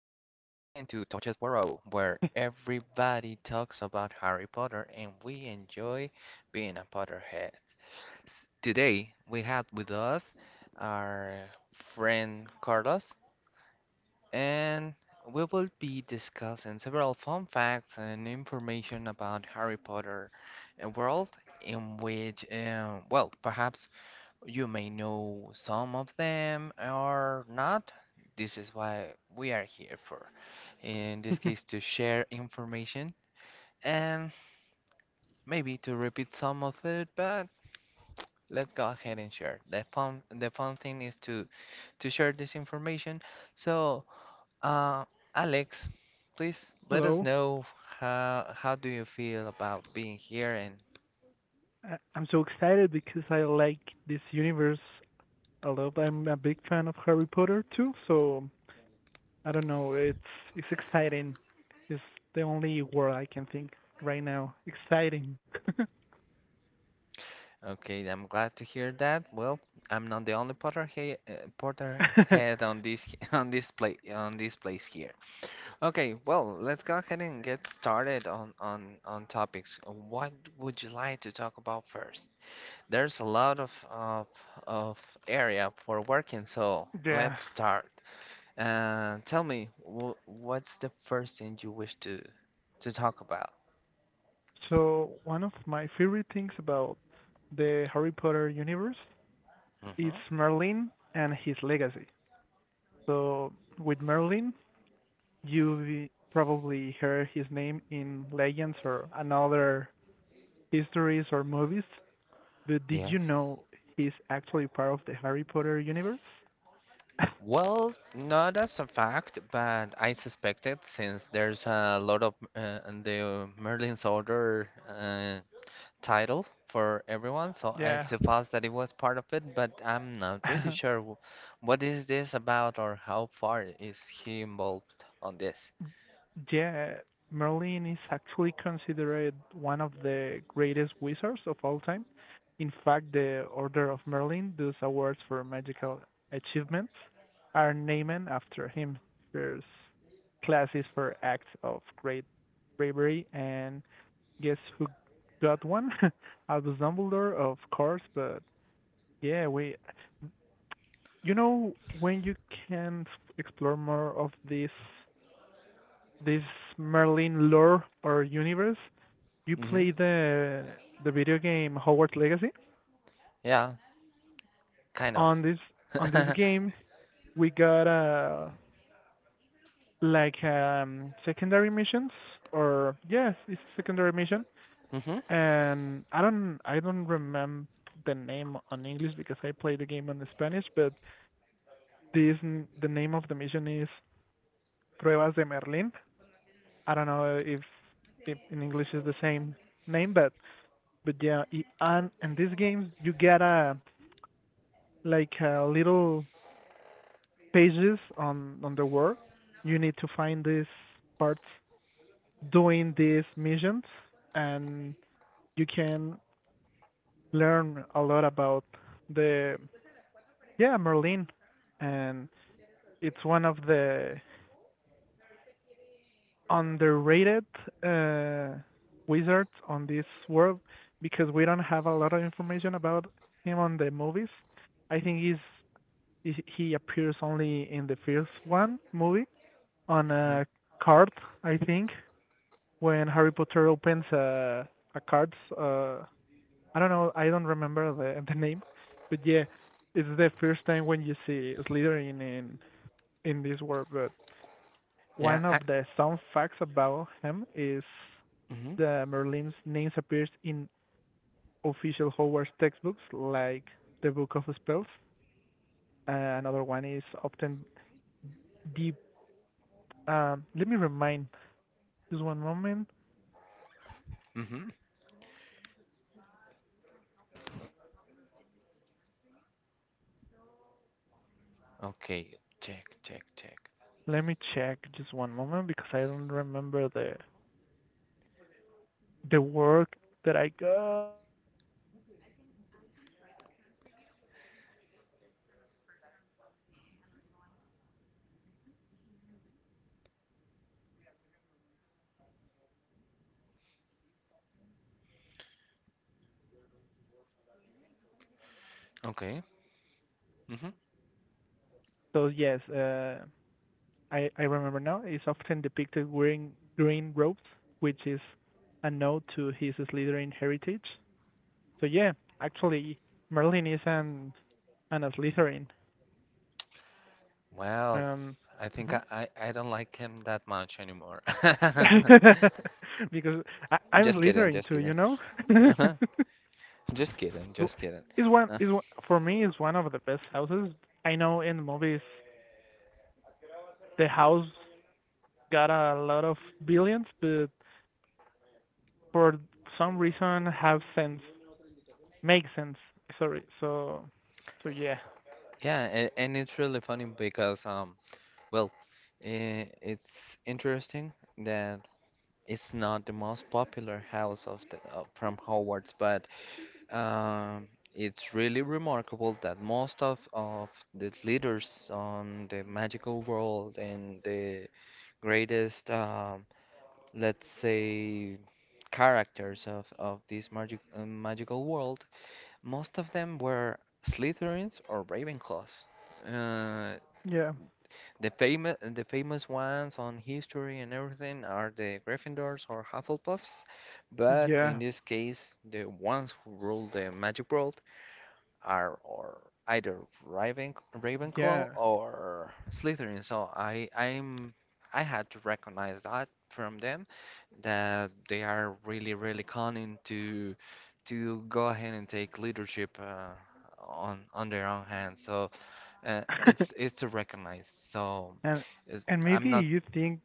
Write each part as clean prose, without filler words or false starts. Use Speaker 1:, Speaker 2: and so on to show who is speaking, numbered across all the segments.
Speaker 1: to Torches Borough, where everybody talks about Harry Potter and we enjoy being a Potterhead. Today, we have with us our friend Carlos, and we will be discussing several fun facts and information about Harry Potter world in which, well, perhaps you may know some of them or not. This is why we are here for. In this case, to share information and maybe to repeat some of it, but let's go ahead and share. The fun thing is to share this information. So, uh, Alex, please let us
Speaker 2: Hello.
Speaker 1: know how do you feel about being here and...
Speaker 2: I'm so excited because I like this universe a lot. I'm a big fan of Harry Potter too, so I don't know. It's exciting. It's the only word I can think right now. Exciting.
Speaker 1: Okay, I'm glad to hear that. Well, I'm not the only Potter head on this on this place here. Okay, well, let's go ahead and get started on on topics. What would you like to talk about first? There's a lot of area for working, so
Speaker 2: Yeah.
Speaker 1: let's start. Tell me, wh what's the first thing you wish to talk about?
Speaker 2: So one of my favorite things about the Harry Potter universe is
Speaker 1: Mm-hmm.
Speaker 2: Merlin and his legacy. So with Merlin, you probably heard his name in legends or another his stories or movies, but did
Speaker 1: Yes.
Speaker 2: you know he's actually part of the Harry Potter universe?
Speaker 1: Well, not as a fact, but I suspect it since there's a lot of in the Merlin's Order title for everyone, so I
Speaker 2: Yeah.
Speaker 1: suppose that it was part of it, but I'm not really sure w what is this about or how far is he involved on this.
Speaker 2: Yeah, Merlin is actually considered one of the greatest wizards of all time. In fact, the Order of Merlin, those awards for magical achievements, are named after him. There's classes for acts of great bravery, and guess who got one? Albus Dumbledore, of course. But yeah, we, you know, when you can explore more of this Merlin lore or universe, you
Speaker 1: Mm-hmm.
Speaker 2: play the video game Hogwarts Legacy.
Speaker 1: Yeah, kind
Speaker 2: On
Speaker 1: of.
Speaker 2: this on this game, we got like secondary missions or yes, it's a secondary mission.
Speaker 1: Mm-hmm.
Speaker 2: And I don't remember the name on English because I play the game in Spanish, but this the name of the mission is Pruebas de Merlin. I don't know if in English is the same name, but yeah, and in these games you get a like a little pages on the world. You need to find these parts doing these missions, and you can learn a lot about the yeah, Merlin, and it's one of the underrated uh, wizards on this world because we don't have a lot of information about him on the movies. I think he appears only in the first one movie on
Speaker 1: hmm
Speaker 2: a card, I think, when Harry Potter opens a card. I don't know, I don't remember the the name, but yeah, it's the first time when you see Slytherin in this world. But
Speaker 1: Yeah.
Speaker 2: one of the some facts about him is
Speaker 1: Mm-hmm.
Speaker 2: the Merlin's names appears in official Hogwarts textbooks like the Book of Spells. Uh, another one is often deep. Let me remind. Just one moment.
Speaker 1: Mm-hmm. Okay. Check, check, check.
Speaker 2: Let me check. Just one moment because I don't remember the work that I got.
Speaker 1: Okay.
Speaker 2: So yes, I remember now. It's often depicted wearing green robes, which is a nod to his Slytherin heritage. So yeah, actually, Merlin is an Slytherin.
Speaker 1: Well,
Speaker 2: Um,
Speaker 1: I think
Speaker 2: mhm.
Speaker 1: I don't like him that much anymore.
Speaker 2: Because I'm
Speaker 1: Just kidding,
Speaker 2: Slytherin
Speaker 1: just
Speaker 2: too,
Speaker 1: kidding.
Speaker 2: you know.
Speaker 1: Uh-huh. Just kidding, just kidding.
Speaker 2: is one
Speaker 1: Uh,
Speaker 2: is one, for me is one of the best houses. I know in movies the house got a lot of billions, but for some reason have sense make sense. Sorry. So yeah.
Speaker 1: yeah, and it's really funny because well, it's interesting that it's not the most popular house of the, from Hogwarts, but um, it's really remarkable that most of the leaders on the magical world and the greatest let's say characters of this magical world, most of them were Slytherins or Ravenclaws. Uh,
Speaker 2: Yeah,
Speaker 1: the famous ones on history and everything are the Gryffindors or Hufflepuffs, but in
Speaker 2: yeah,
Speaker 1: this case, the ones who rule the magic world are or either Ravenclaw
Speaker 2: yeah.
Speaker 1: or Slytherin. So I I had to recognize that from them that they are really really cunning to go ahead and take leadership on their own hands. So it's to recognize. So
Speaker 2: And
Speaker 1: it's,
Speaker 2: and
Speaker 1: I'm
Speaker 2: maybe
Speaker 1: not.
Speaker 2: you think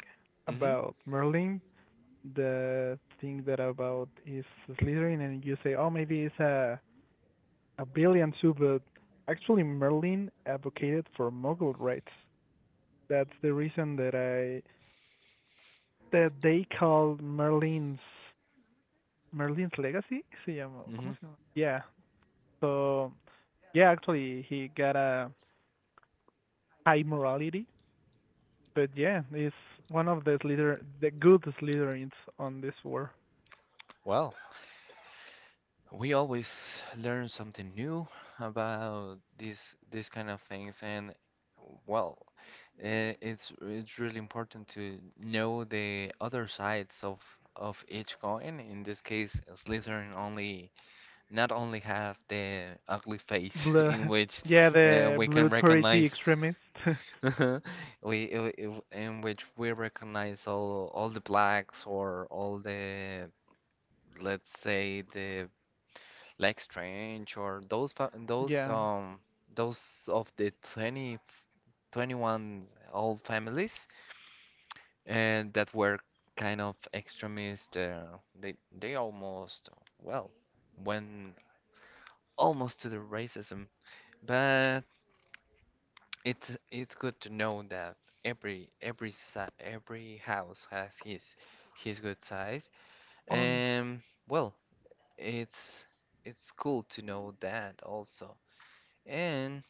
Speaker 1: Hmm
Speaker 2: about Merlin, the thing that about is Slytherin, and you say, oh, maybe it's a brilliant Subud. Actually, Merlin advocated for Mughal rights. That's the reason that I that they called Merlin's Legacy. Se llama,
Speaker 1: hmm
Speaker 2: ¿cómo se llama? Yeah. So yeah, actually, he got a high morality, but yeah, he's one of the good Slytherins on this war.
Speaker 1: Well, we always learn something new about these kind of things, and well, it's really important to know the other sides of each coin. In this case, Slytherin only not only have the ugly face
Speaker 2: Blue,
Speaker 1: in which
Speaker 2: yeah, the
Speaker 1: we can
Speaker 2: blood purity
Speaker 1: recognize
Speaker 2: extremist.
Speaker 1: in which we recognize all the blacks or all the let's say the Black Strange or
Speaker 2: Yeah.
Speaker 1: those of the twenty twenty one old families and that were kind of extremist. They almost well went almost to the racism, but it's good to know that every si every house has his good size,
Speaker 2: Or
Speaker 1: and well, it's it's cool to know that also. And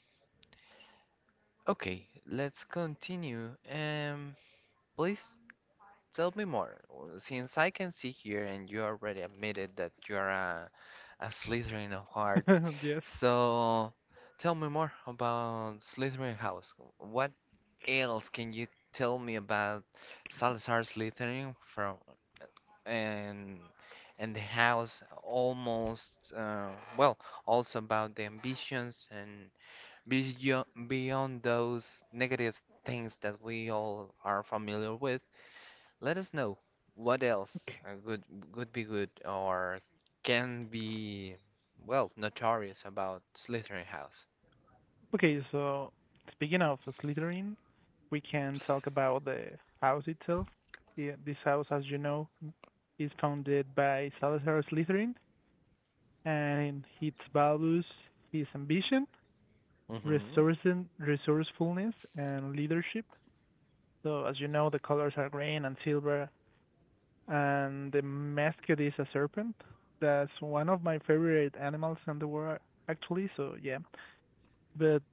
Speaker 1: okay, let's continue. Please tell me more. Since I can see here and you already admitted that you're a Slytherin of heart,
Speaker 2: no. Yes.
Speaker 1: so tell me more about Slytherin House. What else can you tell me about Salazar Slytherin from and and the house almost well also about the ambitions and beyond those negative things that we all are familiar with, let us know what
Speaker 2: Okay.
Speaker 1: else could be good or can be, well, notorious about Slytherin House.
Speaker 2: Okay, so speaking of Slytherin, we can talk about the house itself. Yeah, this house, as you know, is founded by Salazar Slytherin, and its values his ambition,
Speaker 1: Mm-hmm.
Speaker 2: resourcefulness, and leadership. So, as you know, the colors are green and silver, and the mascot is a serpent. That's one of my favorite animals in the world, actually. So, yeah. But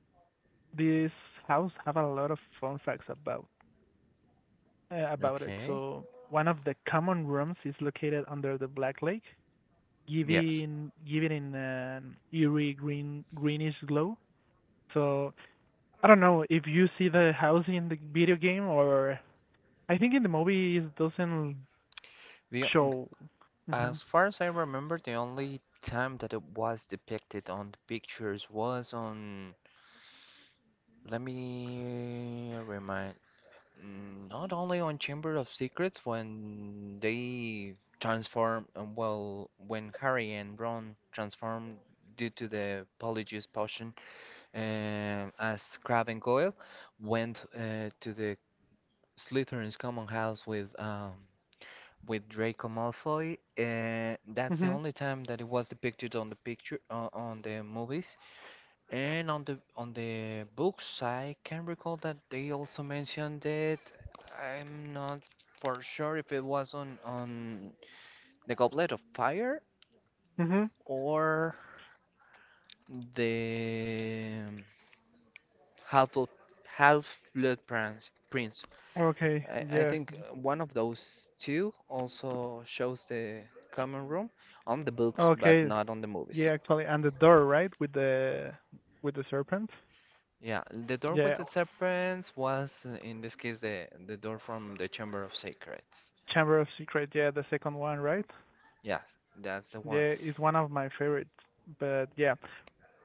Speaker 2: this house have a lot of fun facts about it.
Speaker 1: Okay.
Speaker 2: So one of the common rooms is located under the Black Lake,
Speaker 1: Yes.
Speaker 2: giving in an eerie greenish glow. So I don't know if you see the house in the video game or I think in the movie it doesn't
Speaker 1: The, o- th-
Speaker 2: show. Mhm.
Speaker 1: as far as I remember, the only time that it was depicted on the pictures was on... Let me remind. Mm, not only on Chamber of Secrets when they transform, well, when Harry and Ron transform due to the Polyjuice potion, as Crab and Goyle went to the Slytherin's common house with Draco Malfoy. That's the
Speaker 2: Mhm.
Speaker 1: only time that it was depicted on the picture on the movies. And on the books, I can recall that they also mentioned it. I'm not for sure if it was on the Goblet of Fire
Speaker 2: Mhm.
Speaker 1: or the Half of Half Blood Prince. Prince.
Speaker 2: Okay.
Speaker 1: I
Speaker 2: Yeah.
Speaker 1: think one of those two also shows the common room on the books, but
Speaker 2: Okay.
Speaker 1: not on the movies.
Speaker 2: Yeah, actually, and the door, right, with the serpent.
Speaker 1: Yeah, the door with
Speaker 2: Yeah.
Speaker 1: the serpents was, in this case, the door from the Chamber of Secrets.
Speaker 2: Chamber of Secret. Yeah, the second one, right?
Speaker 1: Yeah, that's the one.
Speaker 2: Yeah, it's one of my favorites. But yeah,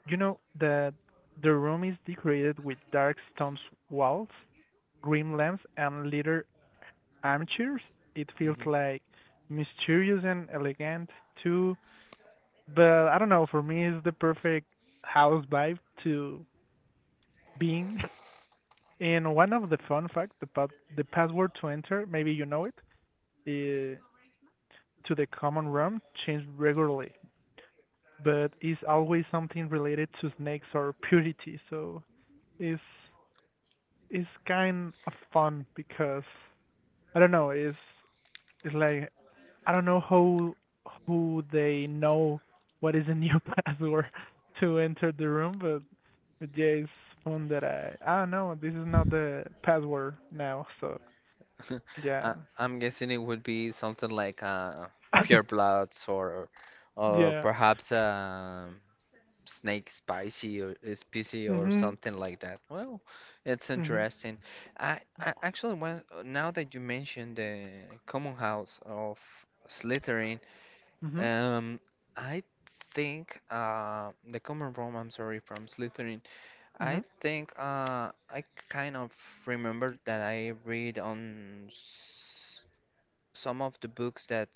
Speaker 2: you know the room is decorated with dark stone walls, green lamps, and leather armchairs. It feels
Speaker 1: Hmm
Speaker 2: like mysterious and elegant too. But I don't know. For me, it's the perfect house vibe to be in. And one of the fun facts about the password to enter, maybe you know it, uh, to the common room changed regularly. But it's always something related to snakes or purity. So it's it's kind of fun because I don't know. It's like I don't know how who they know what is a new password to enter the room, but yeah, it's fun that I don't know. This is not the password now, so yeah.
Speaker 1: I'm guessing it would be something like Pure Bloods or
Speaker 2: Yeah.
Speaker 1: perhaps Snake Spicy or Spicy or
Speaker 2: Mhm.
Speaker 1: something like that. Well, it's
Speaker 2: Mhm.
Speaker 1: interesting. I actually want now that you mentioned the common house of Slytherin,
Speaker 2: Mhm.
Speaker 1: um, I think the common room. I'm sorry, from Slytherin. I
Speaker 2: Mhm.
Speaker 1: think I kind of remember that I read on s some of the books that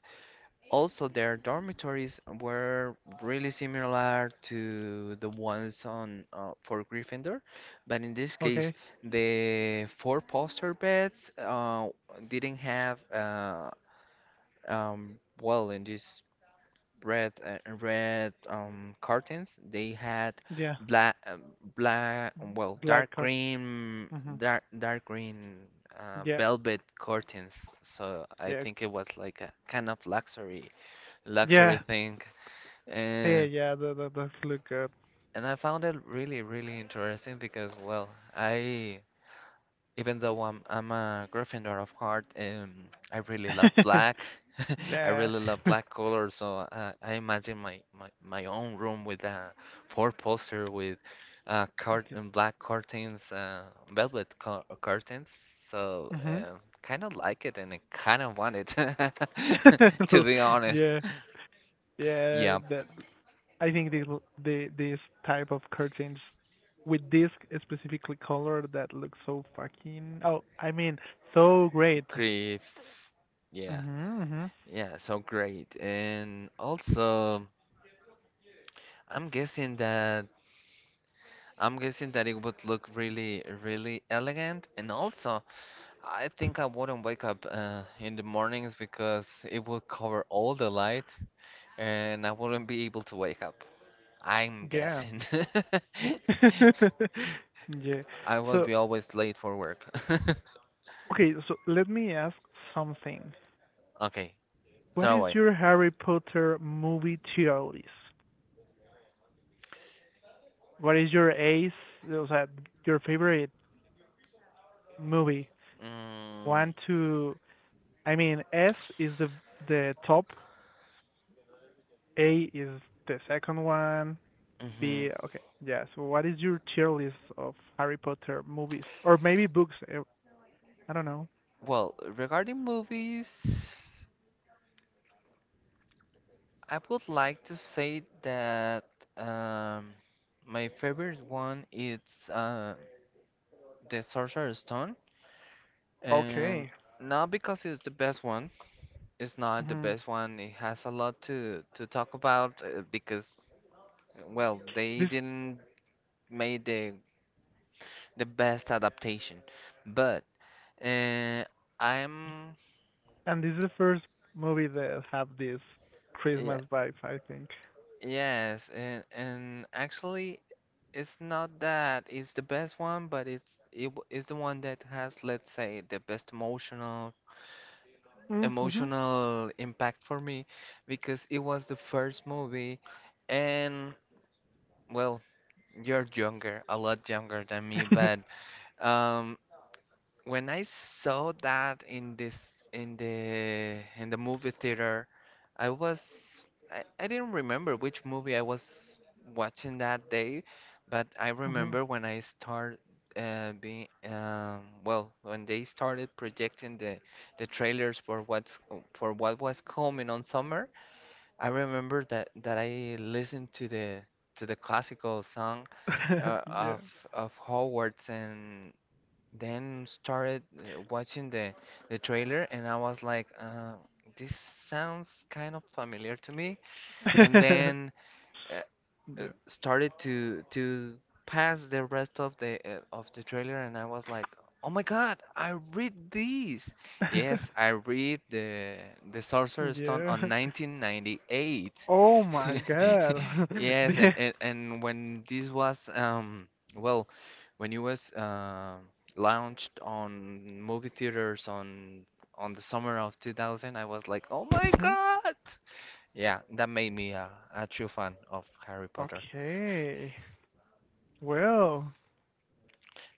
Speaker 1: also their dormitories were really similar to the ones on for Gryffindor, but in this case,
Speaker 2: Okay.
Speaker 1: the four-poster beds didn't have well in this red curtains. They had
Speaker 2: Yeah.
Speaker 1: black uh, black well
Speaker 2: Black
Speaker 1: dark
Speaker 2: card.
Speaker 1: green
Speaker 2: Mhm.
Speaker 1: dark green
Speaker 2: Yeah,
Speaker 1: velvet curtains. So I
Speaker 2: yeah,
Speaker 1: think it was like a kind of luxury
Speaker 2: yeah,
Speaker 1: thing
Speaker 2: yeah,
Speaker 1: and
Speaker 2: yeah. That does look good.
Speaker 1: and I found it really really interesting because well I even though I'm a Gryffindor of heart, I really love black. I
Speaker 2: Yeah.
Speaker 1: really love black color, so I imagine my own room with a four poster with cart black curtains, velvet curtains. So
Speaker 2: Mhm.
Speaker 1: kind of like it, and I kind of want it, to be honest.
Speaker 2: Yeah, yeah.
Speaker 1: Yeah,
Speaker 2: That, I think, this type of curtains with this specifically color that looks so fucking. Oh, I mean, so great.
Speaker 1: grief. Yeah,
Speaker 2: Mhm. Mhm.
Speaker 1: yeah, so great. And also, I'm guessing that... I'm guessing that it would look really, really elegant. And also, I think I wouldn't wake up in the mornings because it would cover all the light and I wouldn't be able to wake up. I'm
Speaker 2: Yeah.
Speaker 1: guessing.
Speaker 2: Yeah.
Speaker 1: I will
Speaker 2: So
Speaker 1: be always late for work.
Speaker 2: okay. So let me ask something.
Speaker 1: Okay,
Speaker 2: ¿What
Speaker 1: throw
Speaker 2: is
Speaker 1: away.
Speaker 2: your Harry Potter movie tier list? What is your ace, o sea, your favorite movie?
Speaker 1: Mm,
Speaker 2: One to, I mean, S is the top, A is the second one,
Speaker 1: hmm
Speaker 2: B, okay, yeah. So what is your tier list of Harry Potter movies or maybe books? I don't know.
Speaker 1: Well, regarding movies, I would like to say that um, my favorite one is... the Sorcerer's Stone, and
Speaker 2: Okay.
Speaker 1: not because it's the best one. It's not the
Speaker 2: hmm
Speaker 1: best one. It has a lot to talk about because, well, they
Speaker 2: This
Speaker 1: didn't make the best adaptation. But uh, I'm
Speaker 2: this is the first movie that have this
Speaker 1: yeah,
Speaker 2: Christmas vibe, I think.
Speaker 1: yes, and actually, it's not that it's the best one, but is the one that has, let's say, the best
Speaker 2: Mm-hmm.
Speaker 1: emotional impact for me because it was the first movie and well you're younger a lot younger than me but um when I saw that in the movie theater, I was I didn't remember which movie I was watching that day, but I
Speaker 2: Hmm.
Speaker 1: remember when I start being well when they started projecting the trailers for what was coming on summer. I remember that I listened to the classical song uh,
Speaker 2: Yeah.
Speaker 1: of of Howard's and then started watching the trailer and I was like, this sounds kind of familiar to me. And then uh,
Speaker 2: Yeah.
Speaker 1: started to pass the rest of the trailer and I was like, "Oh my God, I read this." Yes, I read the Sorcerer's Stone
Speaker 2: Yeah.
Speaker 1: on 1998.
Speaker 2: Oh my God.
Speaker 1: Yes,
Speaker 2: Yeah.
Speaker 1: and when this was well, when it was launched on movie theaters on the summer of 2000, I was like, "Oh my
Speaker 2: hmm
Speaker 1: God." Yeah, that made me a true fan of Harry Potter.
Speaker 2: Okay. Well,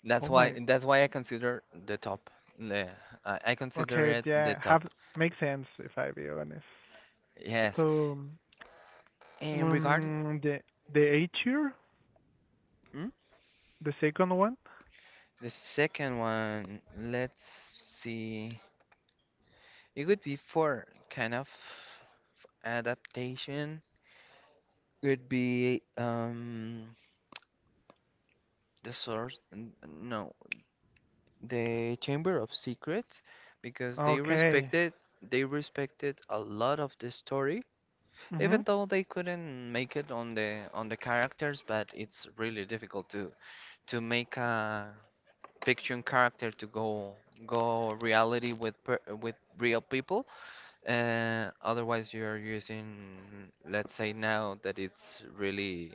Speaker 1: That's
Speaker 2: oh
Speaker 1: why
Speaker 2: my.
Speaker 1: I consider the top. Le- I consider
Speaker 2: Okay,
Speaker 1: it the
Speaker 2: yeah, have
Speaker 1: top.
Speaker 2: makes sense if I be honest.
Speaker 1: Yes.
Speaker 2: So,
Speaker 1: And regarding
Speaker 2: um, the the A tier,
Speaker 1: hmm?
Speaker 2: the second one.
Speaker 1: The second one, let's see. It would be for kind of adaptation. Would be the source n- no, the Chamber of Secrets because
Speaker 2: Okay.
Speaker 1: they respected a lot of the story
Speaker 2: Mhm.
Speaker 1: even though they couldn't make it on the characters but it's really difficult to make a fiction character to go go reality with real people otherwise you're using let's say now that it's really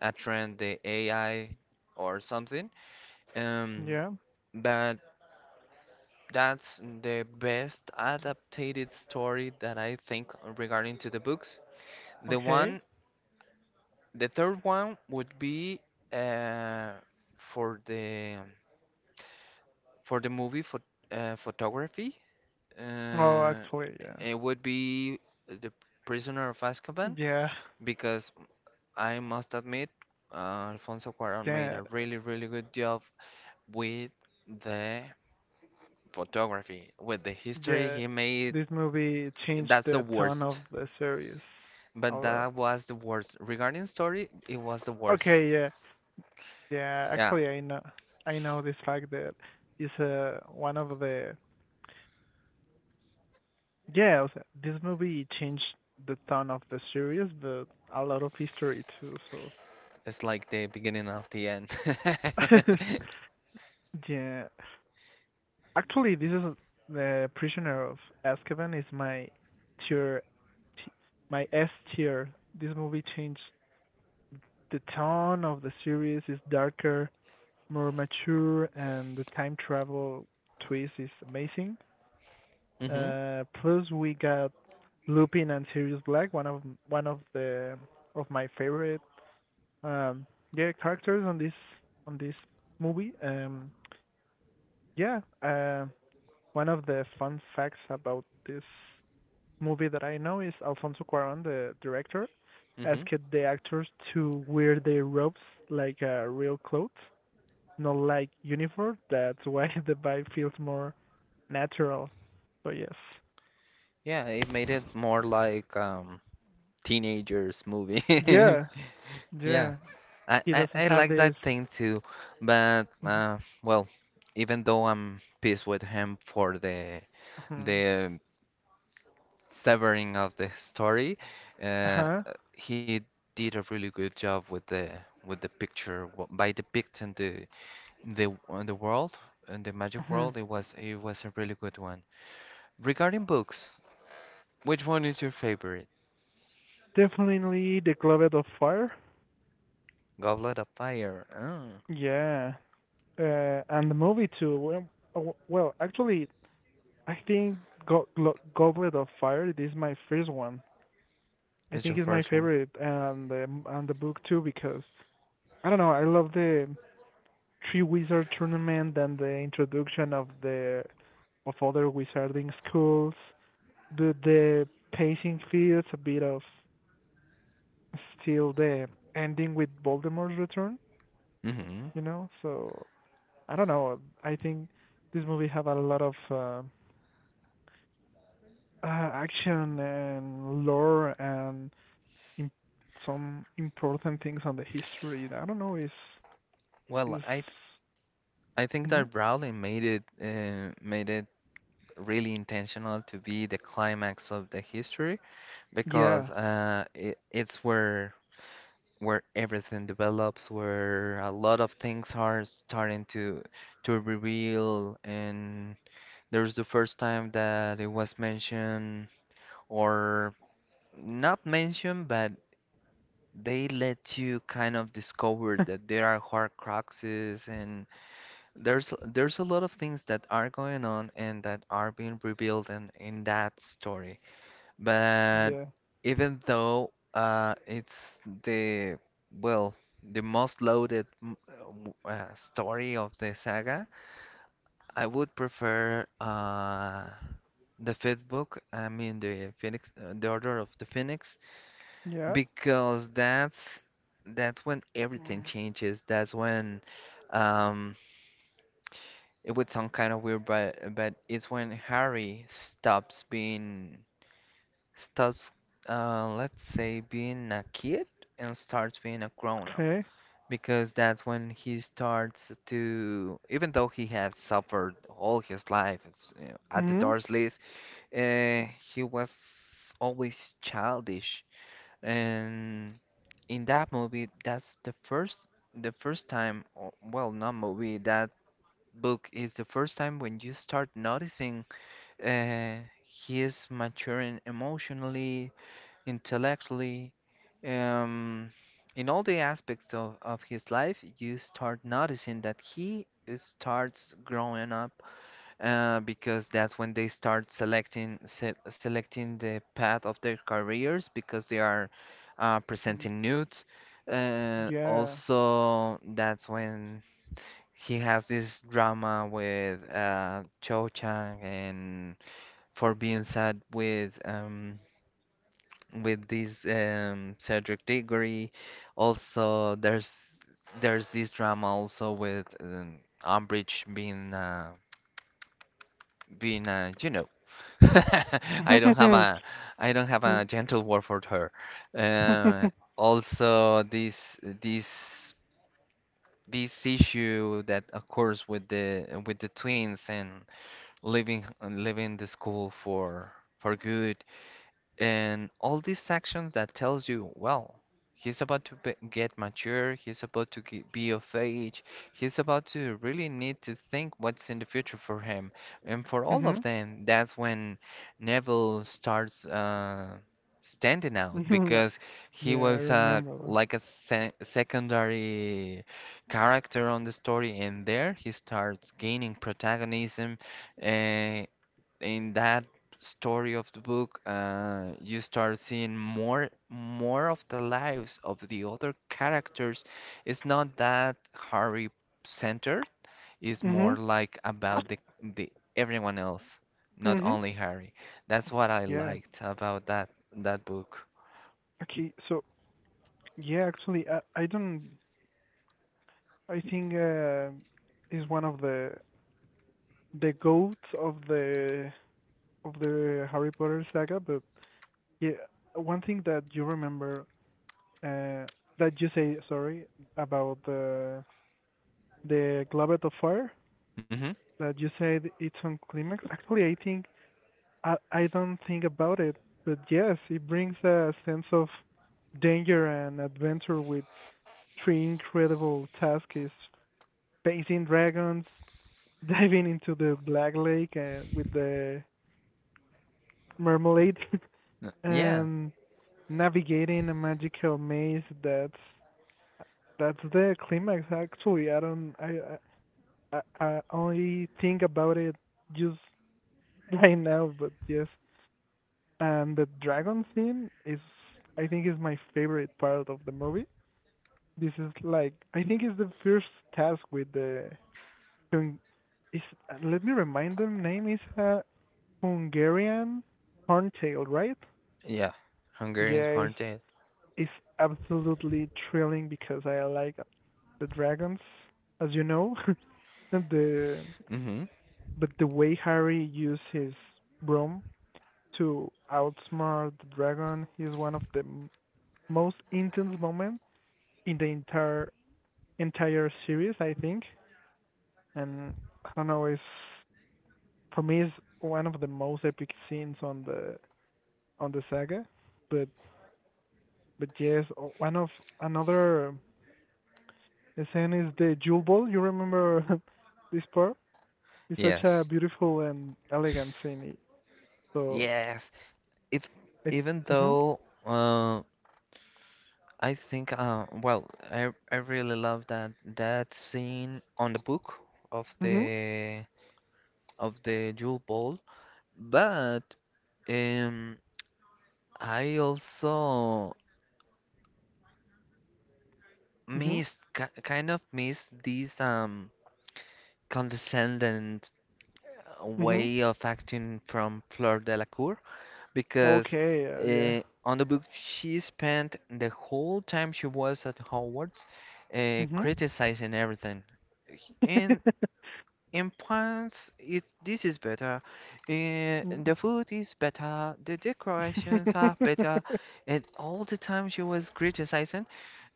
Speaker 1: a trend the AI or something um,
Speaker 2: Yeah.
Speaker 1: but that's the best adapted story that I think regarding to the books the
Speaker 2: Okay.
Speaker 1: one. The third one would be uh, for the for the movie phot photography.
Speaker 2: Oh,
Speaker 1: Uh,
Speaker 2: actually, yeah.
Speaker 1: it would be the Prisoner of Azkaban
Speaker 2: Yeah.
Speaker 1: because I must admit, Alfonso Cuarón made
Speaker 2: Yeah.
Speaker 1: a really really good job with the photography, with the history
Speaker 2: Yeah,
Speaker 1: he made.
Speaker 2: this movie changed
Speaker 1: That's the
Speaker 2: the tone of
Speaker 1: worst,
Speaker 2: the series a
Speaker 1: but
Speaker 2: lot.
Speaker 1: that was the worst. Regarding story, it was the worst.
Speaker 2: Okay, yeah, yeah.
Speaker 1: Yeah.
Speaker 2: Actually, I know this fact that is one of the yeah. O sea, this movie changed the tone of the series, but a lot of history too. So
Speaker 1: It's like the beginning of the end.
Speaker 2: yeah, actually, this is the Prisoner of Azkaban is my tier, t- my S tier. This movie changed the tone of the series. Is darker more mature, and the time travel twist is amazing.
Speaker 1: hmm
Speaker 2: Plus we got Lupin and Sirius Black, one of my favorite um yeah characters on this movie. Yeah, one of the fun facts about this movie that I know is Alfonso Cuarón, the director,
Speaker 1: hmm
Speaker 2: asked the actors to wear their robes like real clothes not like uniform. That's why the vibe feels more natural. So yes.
Speaker 1: Yeah, it made it more like teenagers movie.
Speaker 2: Yeah,
Speaker 1: Yeah,
Speaker 2: yeah.
Speaker 1: I,
Speaker 2: He
Speaker 1: I
Speaker 2: doesn't
Speaker 1: I
Speaker 2: have
Speaker 1: like
Speaker 2: this.
Speaker 1: that thing too, but
Speaker 2: Mhm.
Speaker 1: well, even though I'm pissed with him for the severing of the story, uh,
Speaker 2: Uh-huh.
Speaker 1: he did a really good job with the picture by depicting the world and the magic
Speaker 2: Mhm.
Speaker 1: world. It was a really good one. Regarding books, which one is your favorite?
Speaker 2: Definitely the Globet of Fire.
Speaker 1: Goblet of Fire. Oh,
Speaker 2: Yeah. And the movie too. Well, oh, well, actually, I think Goblet of Fire it is my first one. I
Speaker 1: is your
Speaker 2: think it's my
Speaker 1: first one.
Speaker 2: favorite, and the book too because I don't know. I love the three wizard tournament and the introduction of other wizarding schools, the pacing feels a bit of still the ending with Voldemort's return,
Speaker 1: hmm
Speaker 2: you know. So I don't know. I think this movie have a lot of action and lore and imp- some important things on the history. I don't know. Is
Speaker 1: Well,
Speaker 2: is
Speaker 1: I th I think
Speaker 2: mm-hmm.
Speaker 1: that Rowling made it really intentional to be the climax of the history
Speaker 2: Yeah.
Speaker 1: because it's where everything develops, where a lot of things are starting to reveal, and there's the first time that it was mentioned or not mentioned, but they let you kind of discover that there are Horcruxes and there's a lot of things that are going on and that are being revealed in that story. But
Speaker 2: Yeah.
Speaker 1: even though it's the well the most loaded story of the saga, I would prefer the fifth book. I mean the Phoenix, the Order of the Phoenix
Speaker 2: Yeah.
Speaker 1: because that's when everything
Speaker 2: Yeah.
Speaker 1: changes. That's when um it would sound kind of weird, but it's when Harry stops being stops let's say being a kid and starts being a grown up.
Speaker 2: Okay.
Speaker 1: Because that's when he starts to, even though he has suffered all his life it's, you know, at the
Speaker 2: Mhm.
Speaker 1: Dursleys, uh, he was always childish and in that movie, that's the first time, or- well, not movie, that book is the first time when you start noticing, uh, he is maturing emotionally, intellectually, um, in all the aspects of his life, you start noticing that he starts growing up, because that's when they start selecting se selecting the path of their careers because they are presenting nudes.
Speaker 2: Yeah.
Speaker 1: Also, that's when he has this drama with Cho Chang and for being sad with this Cedric Diggory. Also, there's this drama also with Umbridge being being you know I don't have a I don't have a
Speaker 2: Mhm.
Speaker 1: gentle word for her. Uh, also, this issue that occurs with the twins and leaving the school for good, and all these sections that tells you well he's about to be, get mature, he's about to be of age, he's about to really need to think what's in the future for him and for all of them. That's when Neville starts standing out
Speaker 2: Mhm.
Speaker 1: because
Speaker 2: Yeah,
Speaker 1: he
Speaker 2: I
Speaker 1: was
Speaker 2: remember.
Speaker 1: like a secondary character on the story, and there he starts gaining protagonism uh, in that story of the book. Uh, you start seeing more more of the lives of the other characters. It's not that Harry centered. It's
Speaker 2: Mhm.
Speaker 1: more like about the everyone else, not
Speaker 2: Mhm.
Speaker 1: only Harry. That's what I
Speaker 2: Yeah.
Speaker 1: liked about that book.
Speaker 2: Okay. So yeah, actually, I don't. I think is one of the goats of the Harry Potter saga. But yeah, one thing that you remember uh, that you say sorry about the Goblet of Fire
Speaker 1: Mm-hmm.
Speaker 2: that you said it's on climax. Actually, I think I don't think about it, but yes, it brings a sense of danger and adventure with three incredible tasks: facing dragons, diving into the Black Lake with the marmalade,
Speaker 1: Yeah.
Speaker 2: and navigating a magical maze. That's the climax. Actually, I don't I only think about it just right now, but yes, and the dragon scene is, I think, is my favorite part of the movie. This is like, I think, it's the first task with the. Is let me remind them. Name is a Hungarian horntail, right?
Speaker 1: Yeah. Hungarian
Speaker 2: Yeah, it's,
Speaker 1: Haunted.
Speaker 2: it's absolutely thrilling because I like the dragons, as you know. and the
Speaker 1: Mm-hmm.
Speaker 2: but the way Harry used his broom to outsmart the dragon is one of the most intense moments in the entire series, I think. And I don't know, it's for me it's one of the most epic scenes on the saga. But but yes, one of another scene is the jewel ball. You remember this part? It's such a
Speaker 1: Yes.
Speaker 2: beautiful and elegant scene. So
Speaker 1: Yes. If
Speaker 2: I th-
Speaker 1: even
Speaker 2: mhm.
Speaker 1: though. uh, I think, well, I really love that scene on the book of
Speaker 2: Mhm.
Speaker 1: the of the Jewel Ball, but um, I also
Speaker 2: Mhm.
Speaker 1: missed kind of missed this condescendent
Speaker 2: Mhm.
Speaker 1: way of acting from Fleur Delacour because
Speaker 2: Okay, yeah.
Speaker 1: uh, on the book she spent the whole time she was at Hogwarts criticizing everything. And in France, it this is better. Eh,
Speaker 2: Mhm.
Speaker 1: the food is better. The decorations are better. And all the time she was criticizing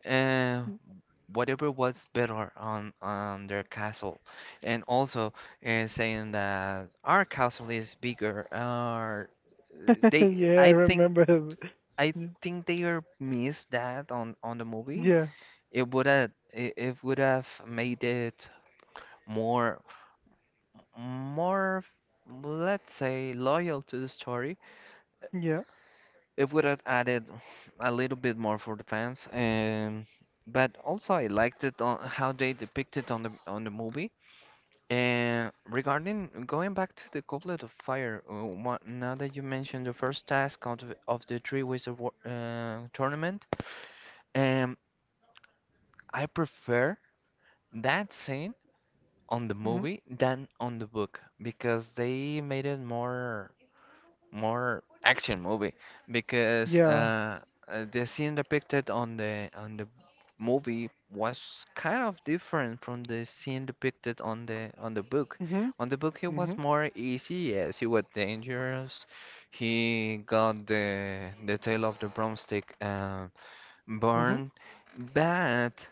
Speaker 1: uh, whatever was better on their castle, and also saying that our castle is bigger. Our they,
Speaker 2: Yeah, I remember.
Speaker 1: I
Speaker 2: Y-
Speaker 1: think they are missed that on the movie.
Speaker 2: Yeah,
Speaker 1: It would have it would have made it more more, of, let's say, loyal to the story.
Speaker 2: yeah,
Speaker 1: It would have added a little bit more for the fans. But also, I liked it on how they depicted on the movie. And regarding going back to the Goblet of Fire, now that you mentioned the first task of of the Three Ways of War, tournament, um, I prefer that scene on the
Speaker 2: mhm,
Speaker 1: movie than on the book because they made it more. More action movie because
Speaker 2: yeah,
Speaker 1: the scene depicted on the movie was kind of different from the scene depicted on the book.
Speaker 2: mhm,
Speaker 1: On the book, it was
Speaker 2: mhm,
Speaker 1: more easy. Yes, he was dangerous. He got the tail of the broomstick
Speaker 2: mhm,
Speaker 1: burned, but.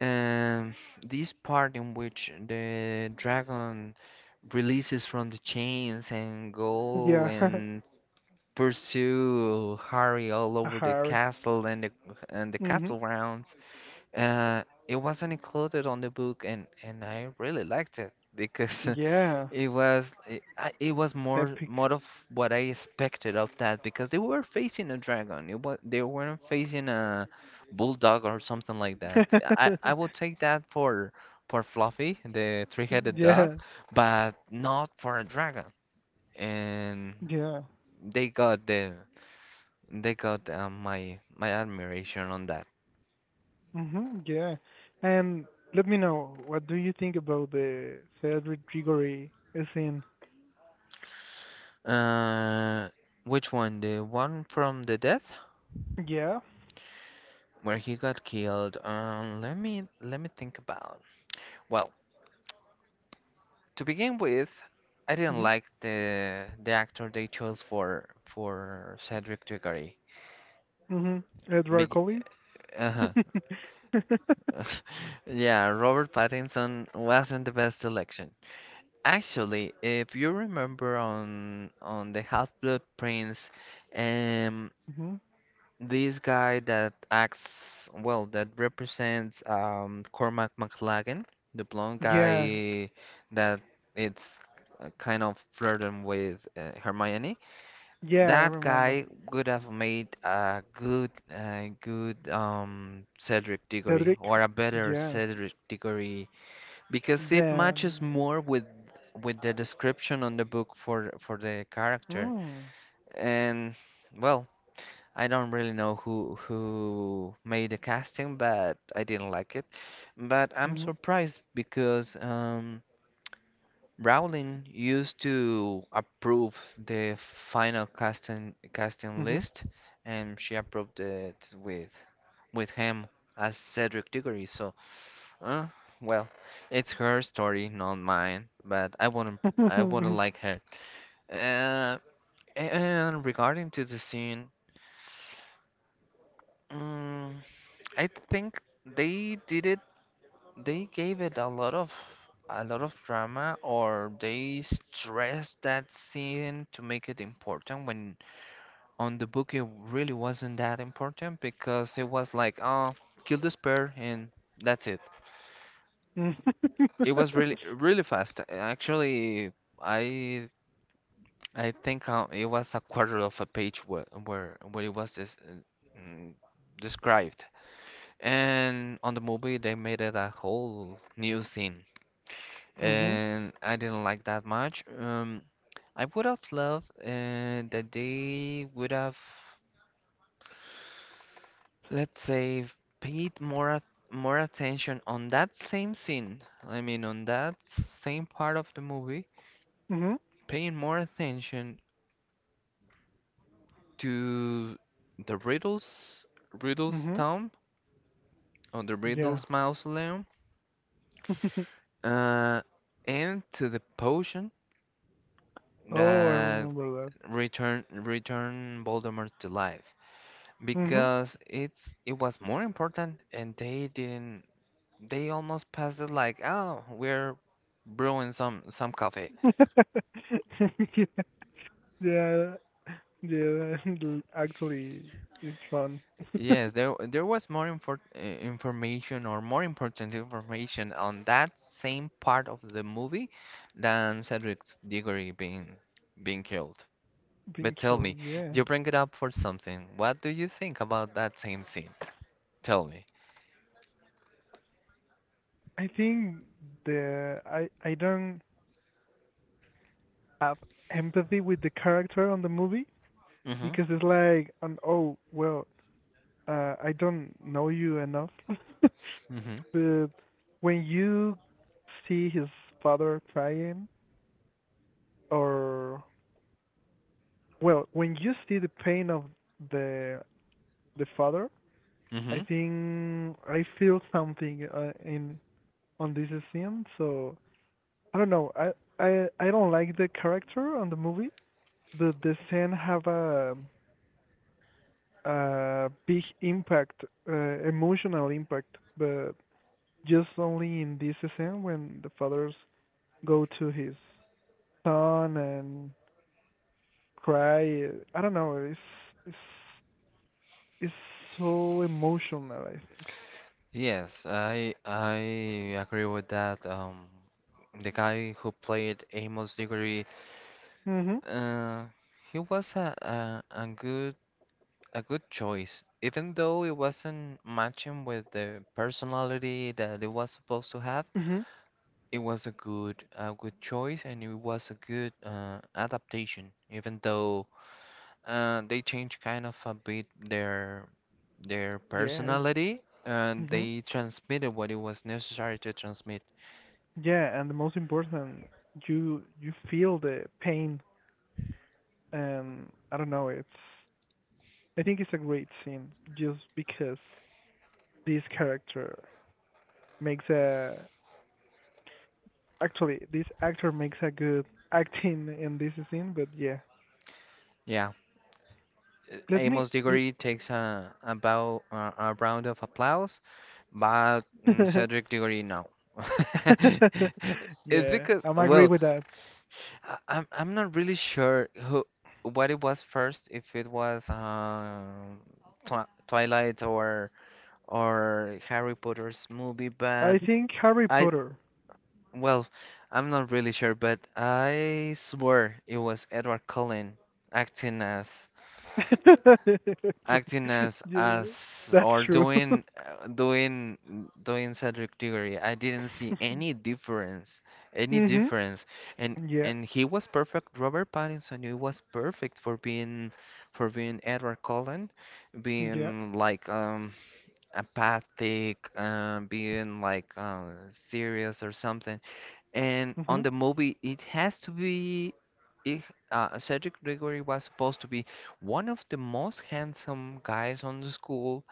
Speaker 1: Um, this part in which the dragon releases from the chains and go
Speaker 2: yeah.
Speaker 1: and pursue Harry all
Speaker 2: A
Speaker 1: over the
Speaker 2: Harry.
Speaker 1: castle and the
Speaker 2: Mhm.
Speaker 1: castle grounds. Uh, it wasn't included on the book, and I really liked it because
Speaker 2: Yeah,
Speaker 1: it was it was more
Speaker 2: epic.
Speaker 1: more of what I expected of that because they were facing a dragon. It was they weren't facing a bulldog or something like that. I would take that for Fluffy, the three-headed dog,
Speaker 2: Yeah,
Speaker 1: but not for a dragon. And
Speaker 2: yeah,
Speaker 1: they got the they got my my admiration on that.
Speaker 2: mhm, yeah. And let me know, what do you think about the Cedric Diggory scene?
Speaker 1: Uh, which one? The one from the death
Speaker 2: Yeah.
Speaker 1: where he got killed. Let me think about. Well, to begin with, I didn't
Speaker 2: Mhm.
Speaker 1: like the actor they chose for Cedric Diggory.
Speaker 2: Mhm. Edward
Speaker 1: Big,
Speaker 2: Cullen.
Speaker 1: uh-huh. Yeah, Robert Pattinson wasn't the best selection. Actually, if you remember on the Half-Blood Prince, um,
Speaker 2: Mhm.
Speaker 1: this guy that acts, well, that represents Cormac McLaggen, the blonde
Speaker 2: Yeah.
Speaker 1: guy that it's kind of flirting with Hermione.
Speaker 2: Yeah, I
Speaker 1: That
Speaker 2: remember.
Speaker 1: guy would have made a good Cedric Diggory,
Speaker 2: Cedric?
Speaker 1: or a better
Speaker 2: Yeah.
Speaker 1: Cedric Diggory because it matches
Speaker 2: Then.
Speaker 1: more with the description on the book for the character.
Speaker 2: Mm.
Speaker 1: And well. I don't really know who made the casting, but I didn't like it. But I'm
Speaker 2: Mhm.
Speaker 1: surprised because Rowling used to approve the final casting
Speaker 2: Mhm.
Speaker 1: list, and she approved it with him as Cedric Diggory. So, uh, well, it's her story, not mine. But I wouldn't
Speaker 2: Mhm.
Speaker 1: like her. Uh, and regarding to the scene. mm I think they did it. They gave it a lot of drama, or they stressed that scene to make it important. When on the book, it really wasn't that important because it was like, oh, kill this pair and that's it. It was really really fast. Actually, I I think it was a quarter of a page where where it was this, mm, described. And on the movie, they made it a whole new scene.
Speaker 2: Mhm.
Speaker 1: And I didn't like that much. I would have loved that they would have, let's say, paid more at- more attention on that same scene. I mean, on that same part of the movie,
Speaker 2: Mhm.
Speaker 1: paying more attention to the Riddles
Speaker 2: Mhm.
Speaker 1: tomb, or the
Speaker 2: Yeah.
Speaker 1: Riddles mausoleum, uh, and to the potion
Speaker 2: Oh, I
Speaker 1: that
Speaker 2: remember that.
Speaker 1: return Voldemort to life.
Speaker 2: Mhm.
Speaker 1: Because it's it was more important and they didn't, they almost passed it like oh we're brewing some coffee.
Speaker 2: Yeah, yeah, yeah. Actually, it's fun.
Speaker 1: Yes, there was more information, or more important information on that same part of the movie than Cedric's Diggory being being killed.
Speaker 2: Being
Speaker 1: But tell
Speaker 2: killed.
Speaker 1: me,
Speaker 2: Yeah.
Speaker 1: you bring it up for something, what do you think about that same scene? Tell me.
Speaker 2: I think the I don't have empathy with the character on the movie,
Speaker 1: Mm-hmm.
Speaker 2: because it's like, an, oh, well, I don't know you enough,
Speaker 1: Mm-hmm.
Speaker 2: but when you see his father crying, or well, when you see the pain of the the father, I think I feel something in on this scene. So I don't know. I don't like the character on the movie, but the scene have a big impact, uh, emotional impact, but just only in this scene when the father's go to his son and cry. I don't know. It's it's so emotional, I think.
Speaker 1: Yes, I agree with that. The guy who played Amos Diggory,
Speaker 2: Mhm.
Speaker 1: uh, he was a, a good choice, even though it wasn't matching with the personality that it was supposed to have.
Speaker 2: Mhm.
Speaker 1: It was a good choice, and it was a good adaptation, even though they changed kind of a bit their
Speaker 2: Yeah.
Speaker 1: personality, and
Speaker 2: Hmm.
Speaker 1: they transmitted what it was necessary to transmit.
Speaker 2: Yeah, and the most important, you feel the pain, and I don't know. It's I think it's a great scene just because this character makes a, actually this actor makes a good acting in this scene. But yeah,
Speaker 1: Yeah,
Speaker 2: let me
Speaker 1: Amos Diggory takes a bow, a round of applause, but mm, Cedric Diggory no. It's
Speaker 2: Yeah,
Speaker 1: because,
Speaker 2: I'm agree
Speaker 1: well,
Speaker 2: with that.
Speaker 1: I'm not really sure who what it was first, if it was Twilight or Harry Potter's movie, but
Speaker 2: I think Harry
Speaker 1: I
Speaker 2: Potter.
Speaker 1: well, I'm not really sure, but I swear it was Edward Cullen acting as acting as
Speaker 2: Yeah, that's
Speaker 1: or
Speaker 2: true.
Speaker 1: doing doing Cedric Diggory. I didn't see any
Speaker 2: Mhm.
Speaker 1: difference,
Speaker 2: Yeah.
Speaker 1: and he was perfect. Robert Pattinson, he was perfect for being Edward Cullen,
Speaker 2: Yeah.
Speaker 1: being like apathic, being like serious or something. And on
Speaker 2: Mhm.
Speaker 1: the movie, it has to be. Ig- Cedric Diggory was supposed to be one of the most handsome guys on the school,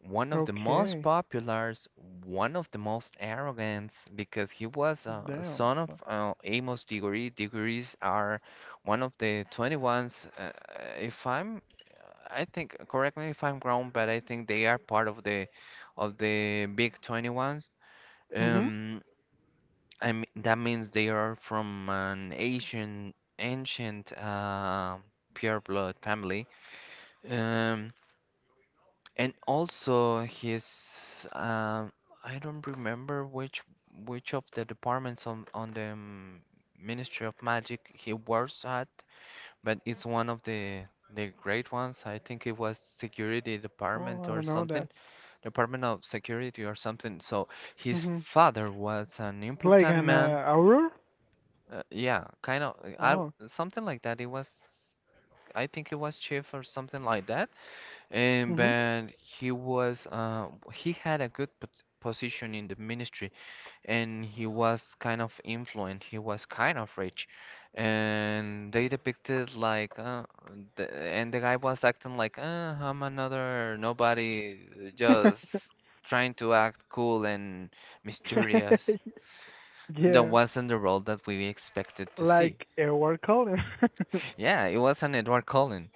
Speaker 1: one of the most
Speaker 2: Okay.
Speaker 1: popular, one of the most arrogant, because he was a
Speaker 2: Damn.
Speaker 1: son of Amos Diggory. Diggories are one of the 21s. If I'm, I think, correct me if I'm wrong, but I think they are part of the big 21s.
Speaker 2: Mhm.
Speaker 1: Um, I mean, that means they are from an ancient, ancient pure blood family. Um, and also his, I don't remember which of the departments on the Ministry of Magic he works at, but it's one of the great ones. I think it was security
Speaker 2: Oh,
Speaker 1: department
Speaker 2: I
Speaker 1: or
Speaker 2: don't know
Speaker 1: something,
Speaker 2: that.
Speaker 1: department of security or something. So his
Speaker 2: Mhm.
Speaker 1: father was an
Speaker 2: Like
Speaker 1: important
Speaker 2: an
Speaker 1: man.
Speaker 2: hour?
Speaker 1: Yeah, kind of.
Speaker 2: Oh.
Speaker 1: I something like that. It was, I think it was Chief or something like that. And
Speaker 2: Mhm.
Speaker 1: but he was, he had a good p position in the ministry, and he was kind of influent. He was kind of rich, and they depicted like, and the guy was acting like, I'm another nobody, just trying to act cool and mysterious. That
Speaker 2: Yeah.
Speaker 1: wasn't the role that we expected to see.
Speaker 2: Like a word color.
Speaker 1: Yeah, it was an Edward Cullen,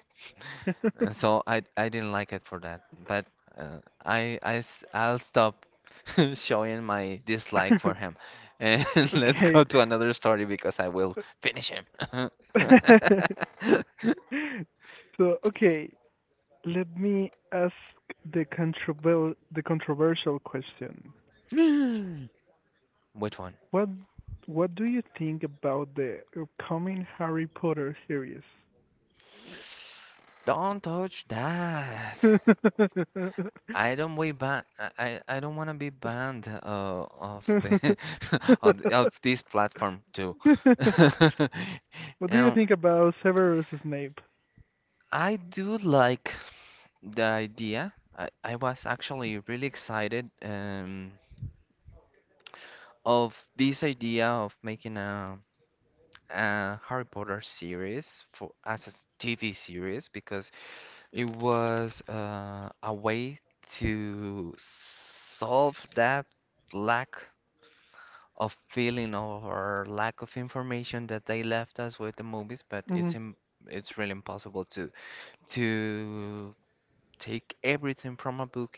Speaker 1: and so I didn't like it for that. But uh, I'll stop showing my dislike for him, and let's
Speaker 2: Okay.
Speaker 1: go to another story because I will finish him.
Speaker 2: So, okay, let me ask the controver the controversial question.
Speaker 1: Which one?
Speaker 2: What what do you think about the upcoming Harry Potter series?
Speaker 1: Don't touch that. I don't want to be banned of the of this platform too.
Speaker 2: What do you
Speaker 1: Um,
Speaker 2: think about Severus Snape?
Speaker 1: I do like the idea. I was actually really excited of this idea of making a Harry Potter series for as a TV series because it was a way to solve that lack of feeling or lack of information that they left us with the movies, but
Speaker 2: Mhm.
Speaker 1: it's really impossible to to take everything from a book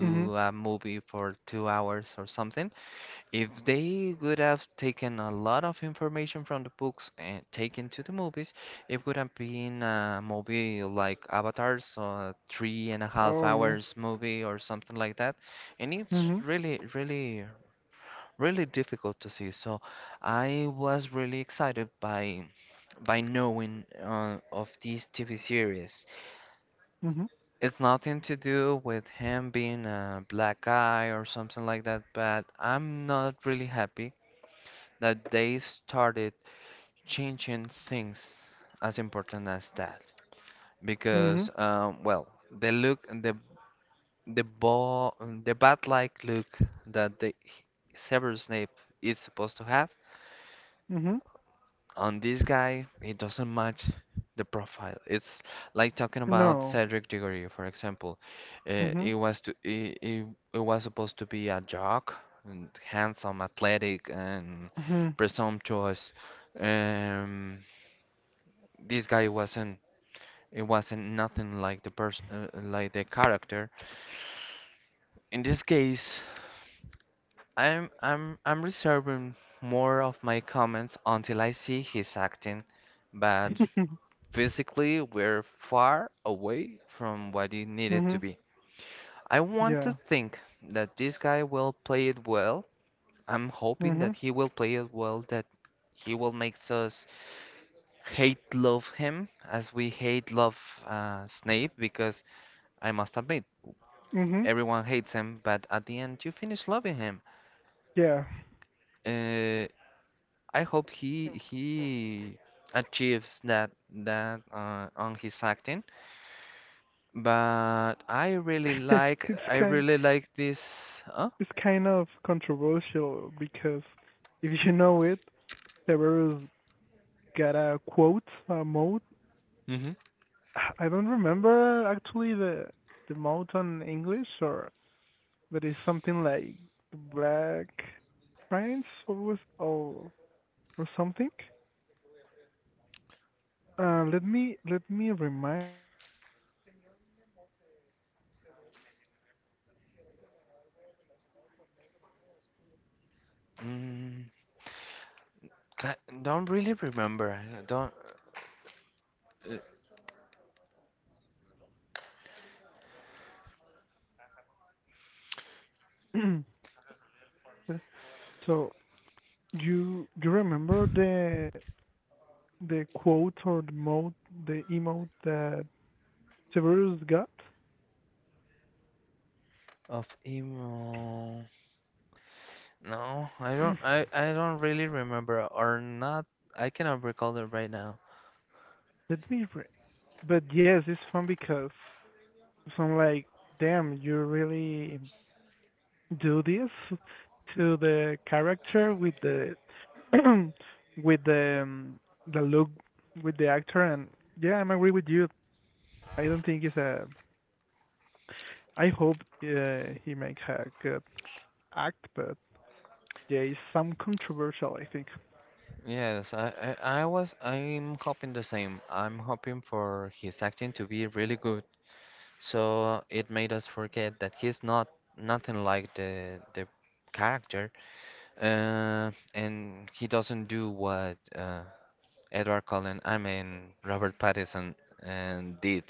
Speaker 2: Mhm.
Speaker 1: a movie for 2 hours or something. If they would have taken a lot of information from the books and taken to the movies, it would have been a movie like Avatar's three and a half
Speaker 2: Oh yeah.
Speaker 1: hours movie or something like that. And it's
Speaker 2: Mhm.
Speaker 1: really, really, really difficult to see. So I was really excited by knowing of these TV series.
Speaker 2: Mhm.
Speaker 1: It's nothing to do with him being a black guy or something like that, but I'm not really happy that they started changing things as important as that.
Speaker 2: Mhm.
Speaker 1: Because, well, the the ball, the bat-like look that the Severus Snape is supposed to have.
Speaker 2: Mhm.
Speaker 1: On this guy, it doesn't match the profile. It's like talking about
Speaker 2: No.
Speaker 1: Cedric Diggory, for example. Uh,
Speaker 2: Mhm.
Speaker 1: it was to it, it, it was supposed to be a jock, and handsome, athletic, and
Speaker 2: Mhm.
Speaker 1: presumptuous. Um, this guy wasn't. It wasn't nothing like the person, like the character. In this case, I'm reserving more of my comments until I see his acting, but physically we're far away from what it needed to
Speaker 2: Mhm.
Speaker 1: be. I want
Speaker 2: Yeah.
Speaker 1: to think that this guy will play it well. I'm hoping
Speaker 2: Mhm.
Speaker 1: that he will play it well, that he will make us hate love him as we hate love Snape, because I must admit,
Speaker 2: Mhm.
Speaker 1: everyone hates him, but at the end, you finish loving him.
Speaker 2: Yeah.
Speaker 1: Uh, I hope he achieves that on his acting. But
Speaker 2: It's
Speaker 1: I
Speaker 2: kind,
Speaker 1: really like this. Huh?
Speaker 2: it's kind of controversial because if you know it, Tavares got a quote, a mode.
Speaker 1: Hmm.
Speaker 2: I don't remember actually the mode on English, or but it's something like Black Prince or was or something. Let me remind.
Speaker 1: Mm, ca- don't really remember. I Don't uh,
Speaker 2: So you remember the quote or the mode the emote that Severus got?
Speaker 1: of emo. No, I don't. I don't really remember or not. I cannot recall it right now.
Speaker 2: Let me re- But yes, it's fun because so I'm like, damn, you really do this to the character with the with the look with the actor, and yeah, I'm agree with you. I don't think it's a. I hope he makes a good act, but yeah, it's some controversial, I think.
Speaker 1: Yes, I'm hoping the same. I'm hoping for his acting to be really good. So it made us forget that he's not nothing like the character. And he doesn't do what Edward Cullen, I mean Robert Pattinson, and did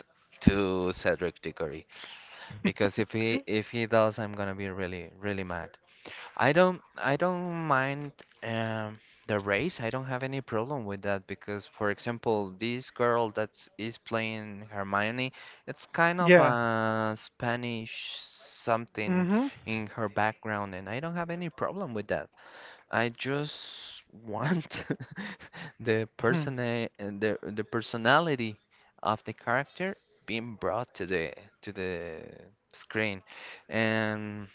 Speaker 1: to Cedric Diggory. Because if he does, I'm gonna be really really mad. I don't mind um, the race. I don't have any problem with that because, for example, this girl that is playing Hermione, it's kind of
Speaker 2: Yeah.
Speaker 1: a Spanish something
Speaker 2: Mhm.
Speaker 1: in her background, and I don't have any problem with that. I just want the
Speaker 2: Mhm.
Speaker 1: person and the personality of the character being brought to the screen. And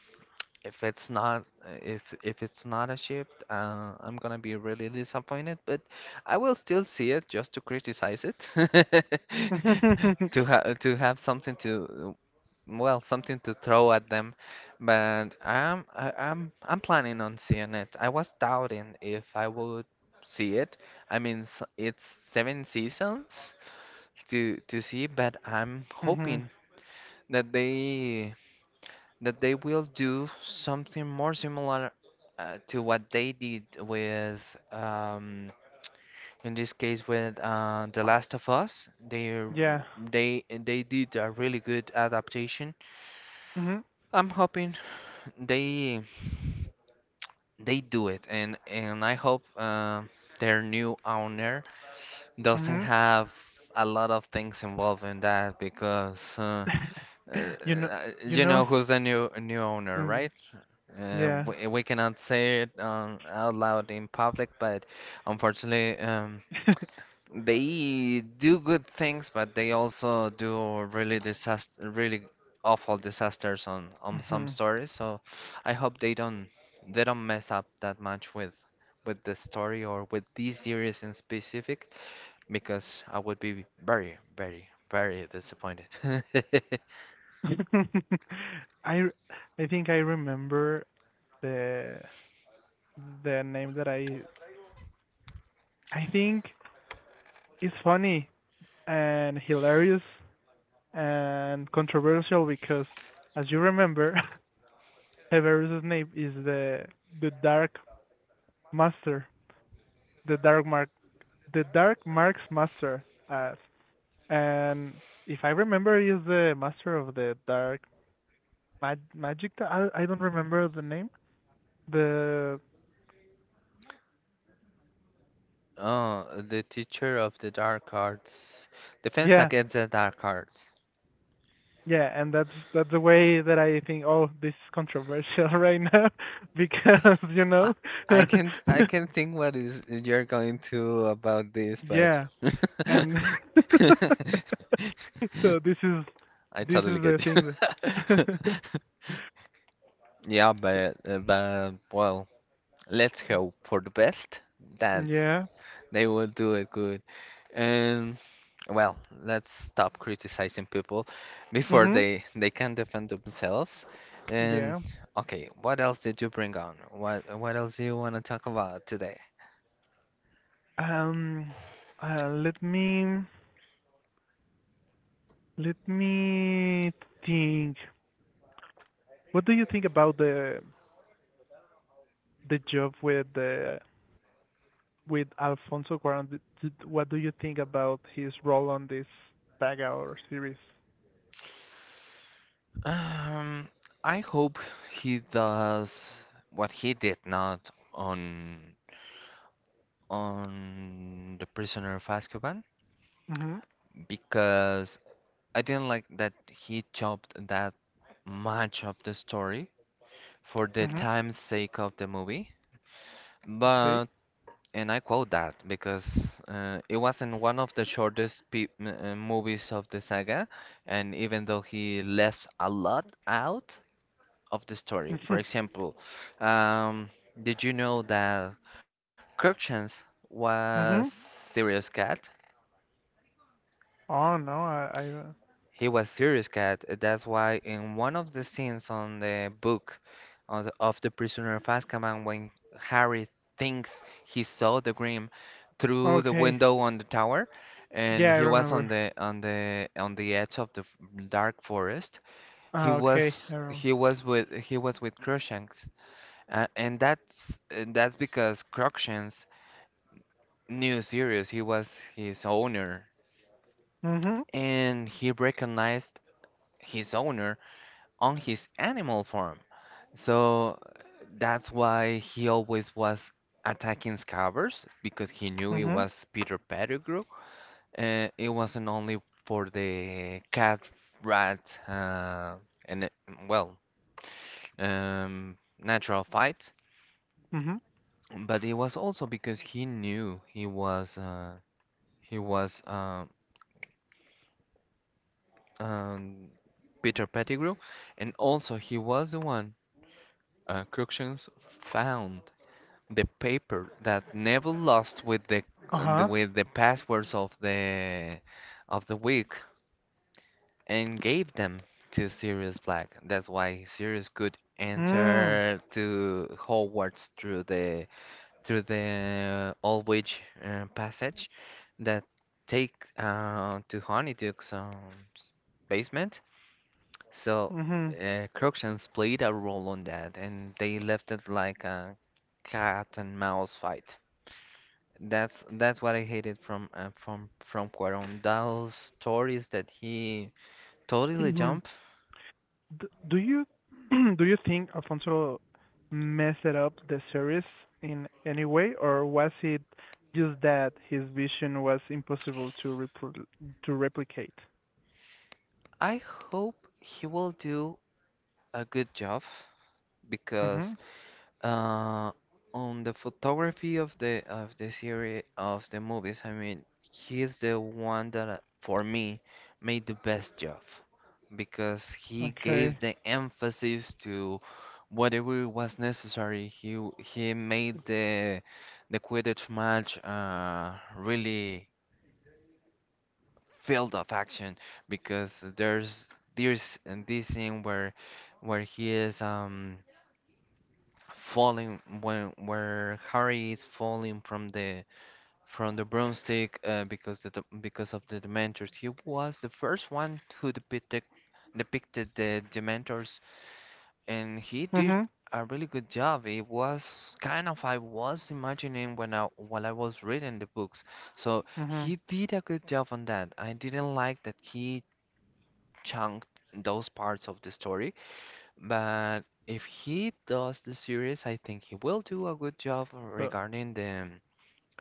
Speaker 1: if it's not if if it's not a shift, I'm gonna be really disappointed, but I will still see it just to criticize it. To have something to well, something to throw at them. But I'm I, I'm planning on seeing it. I was doubting if I would see it. I mean, it's seven seasons to see, but I'm
Speaker 2: Mhm.
Speaker 1: hoping that they will do something more similar to what they did with um in this case with The Last of Us.
Speaker 2: Yeah.
Speaker 1: They did a really good adaptation.
Speaker 2: Mhm.
Speaker 1: I'm hoping they they do it, and I hope their new owner doesn't
Speaker 2: Mhm.
Speaker 1: have a lot of things involved in that because
Speaker 2: You know, you
Speaker 1: you
Speaker 2: know,
Speaker 1: know
Speaker 2: s-
Speaker 1: who's the new owner,
Speaker 2: mm,
Speaker 1: right?
Speaker 2: yeah.
Speaker 1: We cannot say it out loud in public, but unfortunately. They do good things, but they also do really disaster, really awful disasters on some
Speaker 2: Mhm.
Speaker 1: stories. So I hope they don't mess up that much with the story or with these series in specific, because I would be very, very, very disappointed.
Speaker 2: I r- I think I remember the the name that I think is funny and hilarious and controversial because as you remember, Severus Snape is the Dark Master, the Dark Mark, the Dark Mark's Master, as and if I remember, he is the Master of the Dark Magic. I don't remember the name. The
Speaker 1: Oh, the teacher of the dark arts, defense
Speaker 2: yeah,
Speaker 1: against the dark arts.
Speaker 2: yeah, and that's the way that I think. Oh, this is controversial right now because you
Speaker 1: I,
Speaker 2: know.
Speaker 1: I can't think what is you're going to about this, but
Speaker 2: Yeah, and so
Speaker 1: I
Speaker 2: this is
Speaker 1: totally
Speaker 2: the
Speaker 1: get
Speaker 2: thing. That
Speaker 1: you. Yeah, but well, let's hope for the best that
Speaker 2: yeah.
Speaker 1: they will do it good. And well, let's stop criticizing people before
Speaker 2: Mhm.
Speaker 1: they can defend themselves. And
Speaker 2: Yeah.
Speaker 1: okay, what else did you bring on? What else do you want to talk about today?
Speaker 2: Um. Uh. Let me let me think. What do you think about the job with Alfonso Cuarón? What do you think about his role on this saga or series?
Speaker 1: Um, I hope he does what he did not on The Prisoner of Azkaban
Speaker 2: Mhm.
Speaker 1: because I didn't like that he chopped that much of the story for the
Speaker 2: Mhm.
Speaker 1: time's sake of the movie.
Speaker 2: Okay.
Speaker 1: But and I quote that because it wasn't one of the shortest movies of the saga, and even though he left a lot out of the story. For
Speaker 2: Mhm.
Speaker 1: example, um, did you know that Crookshanks was
Speaker 2: Mhm.
Speaker 1: serious cat?
Speaker 2: Oh no, I
Speaker 1: He was serious cat. That's why in one of the scenes on the book of the Prisoner of Azkaban, when Harry thinks he saw the Grim through the
Speaker 2: okay.
Speaker 1: window on the tower, and
Speaker 2: Yeah, I
Speaker 1: he was on
Speaker 2: remember.
Speaker 1: the on the on the edge of the dark forest.
Speaker 2: Okay, I remember.
Speaker 1: He was with Crookshanks. And that's because Cruikshank's knew Sirius. He was his owner,
Speaker 2: Mhm.
Speaker 1: and he recognized his owner on his animal form. So that's why he always was attacking Scabbers because he knew it
Speaker 2: Mhm.
Speaker 1: was Peter Pettigrew. It wasn't only for the cat rat and well um, natural fight,
Speaker 2: Mhm.
Speaker 1: but it was also because he knew he was. He was um, um, Peter Pettigrew, and also he was the one Cruikshanks found the paper that Neville lost with
Speaker 2: Uh
Speaker 1: the
Speaker 2: huh.
Speaker 1: with the passwords of the week and gave them to Sirius Black. That's why Sirius could
Speaker 2: Mm.
Speaker 1: enter to Hogwarts through the Old Witch passage that take to Honeydukes basement. So,
Speaker 2: Mhm.
Speaker 1: Crookshanks played a role on that, and they left it like a cat and mouse fight. That's what I hated from from Cuarón. Those stories that he totally
Speaker 2: Mhm.
Speaker 1: jumped.
Speaker 2: Do you do you think Alfonso messed up the series in any way, or was it just that his vision was impossible to to replicate?
Speaker 1: I hope he will do a good job because
Speaker 2: Mhm.
Speaker 1: uh, on the photography of the series of the movies, I mean, he is the one that for me made the best job, because he gave
Speaker 2: Okay.
Speaker 1: the emphasis to whatever was necessary. He made the Quidditch match really filled of action because there's and this scene where he is falling, when where Harry is falling from the broomstick because of the Dementors. He was the first one who depicted the Dementors and he did
Speaker 2: Mhm.
Speaker 1: a really good job. It was kind of I was imagining when I while I was reading the books. So
Speaker 2: Mhm.
Speaker 1: he did a good job on that. I didn't like that he chunked those parts of the story, but if he does the series, I think he will do a good job
Speaker 2: So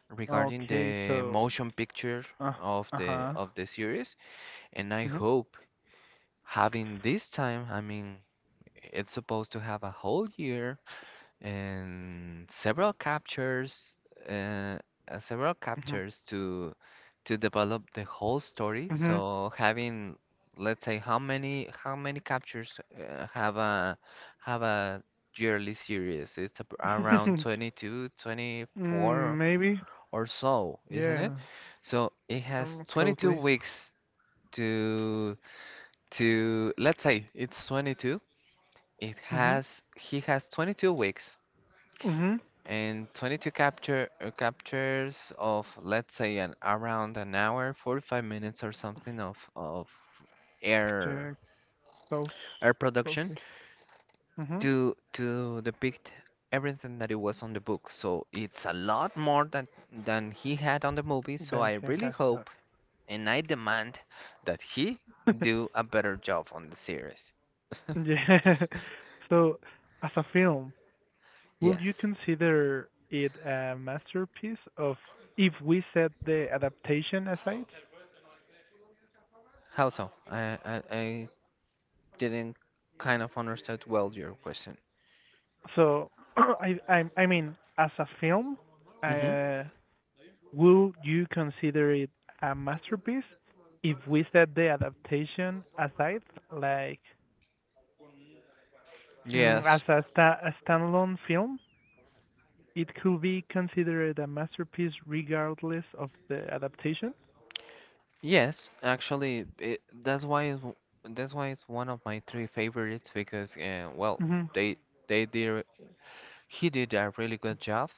Speaker 1: regarding
Speaker 2: okay.
Speaker 1: the
Speaker 2: So
Speaker 1: motion picture
Speaker 2: uh
Speaker 1: of
Speaker 2: uh
Speaker 1: the
Speaker 2: huh.
Speaker 1: of the series, and I
Speaker 2: Mhm.
Speaker 1: hope having this time, I mean, it's supposed to have a whole year and uh, several
Speaker 2: Mhm.
Speaker 1: captures to develop the whole story,
Speaker 2: Mhm.
Speaker 1: so having, let's say, how many captures have a yearly series. It's around 22
Speaker 2: Mm,
Speaker 1: 24
Speaker 2: maybe.
Speaker 1: or so, isn't it?
Speaker 2: Yeah.
Speaker 1: So it has 22
Speaker 2: Closely.
Speaker 1: weeks to to let's say it's 22. It
Speaker 2: Mhm.
Speaker 1: has he has 22 weeks
Speaker 2: Mhm.
Speaker 1: and 22 capture captures of, let's say, an around an hour 45 minutes or something of air
Speaker 2: Yeah, close.
Speaker 1: air production
Speaker 2: Closely. Mhm.
Speaker 1: to depict everything that it was on the book. So it's a lot more than he had on the movie, so
Speaker 2: Then
Speaker 1: I
Speaker 2: he
Speaker 1: really
Speaker 2: has that.
Speaker 1: hope and I demand that he do a better job on the series.
Speaker 2: Yeah. So, as a film, would you
Speaker 1: Yes.
Speaker 2: consider it a masterpiece of if we set the adaptation aside?
Speaker 1: How? I didn't kind of understand well your question.
Speaker 2: So, I mean, as a film,
Speaker 1: Hmm.
Speaker 2: uh, would you consider it a masterpiece if we set the adaptation aside? Like, mm, as
Speaker 1: Yes,
Speaker 2: a standalone film, it could be considered a masterpiece regardless of the adaptation.
Speaker 1: Yes, actually, it, that's why it's one of my three favorites because, well,
Speaker 2: Mm-hmm.
Speaker 1: they they did, he did a really good job.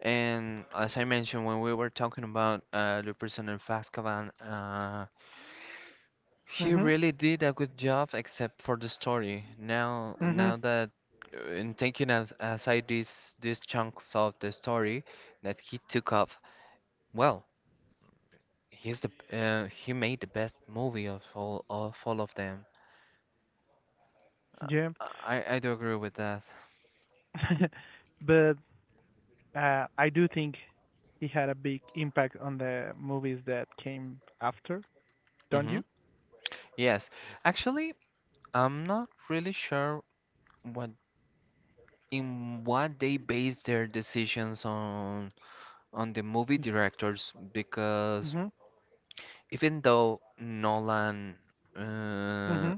Speaker 1: And as I mentioned when we were talking about, the prison in Azkaban, he
Speaker 2: Mm-hmm.
Speaker 1: really did a good job except for the story. Now
Speaker 2: Hmm.
Speaker 1: now that, in taking, as, aside these chunks of the story that he took off, well, he's the, he made the best movie of all of all of them. Uh,
Speaker 2: Yeah.
Speaker 1: I do agree with that.
Speaker 2: But I do think he had a big impact on the movies that came after, don't
Speaker 1: Hmm.
Speaker 2: you?
Speaker 1: Yes. Actually, I'm not really sure what, in what they base their decisions on the movie directors, because
Speaker 2: Mm-hmm.
Speaker 1: even though Nolan, uh,
Speaker 2: Mm-hmm.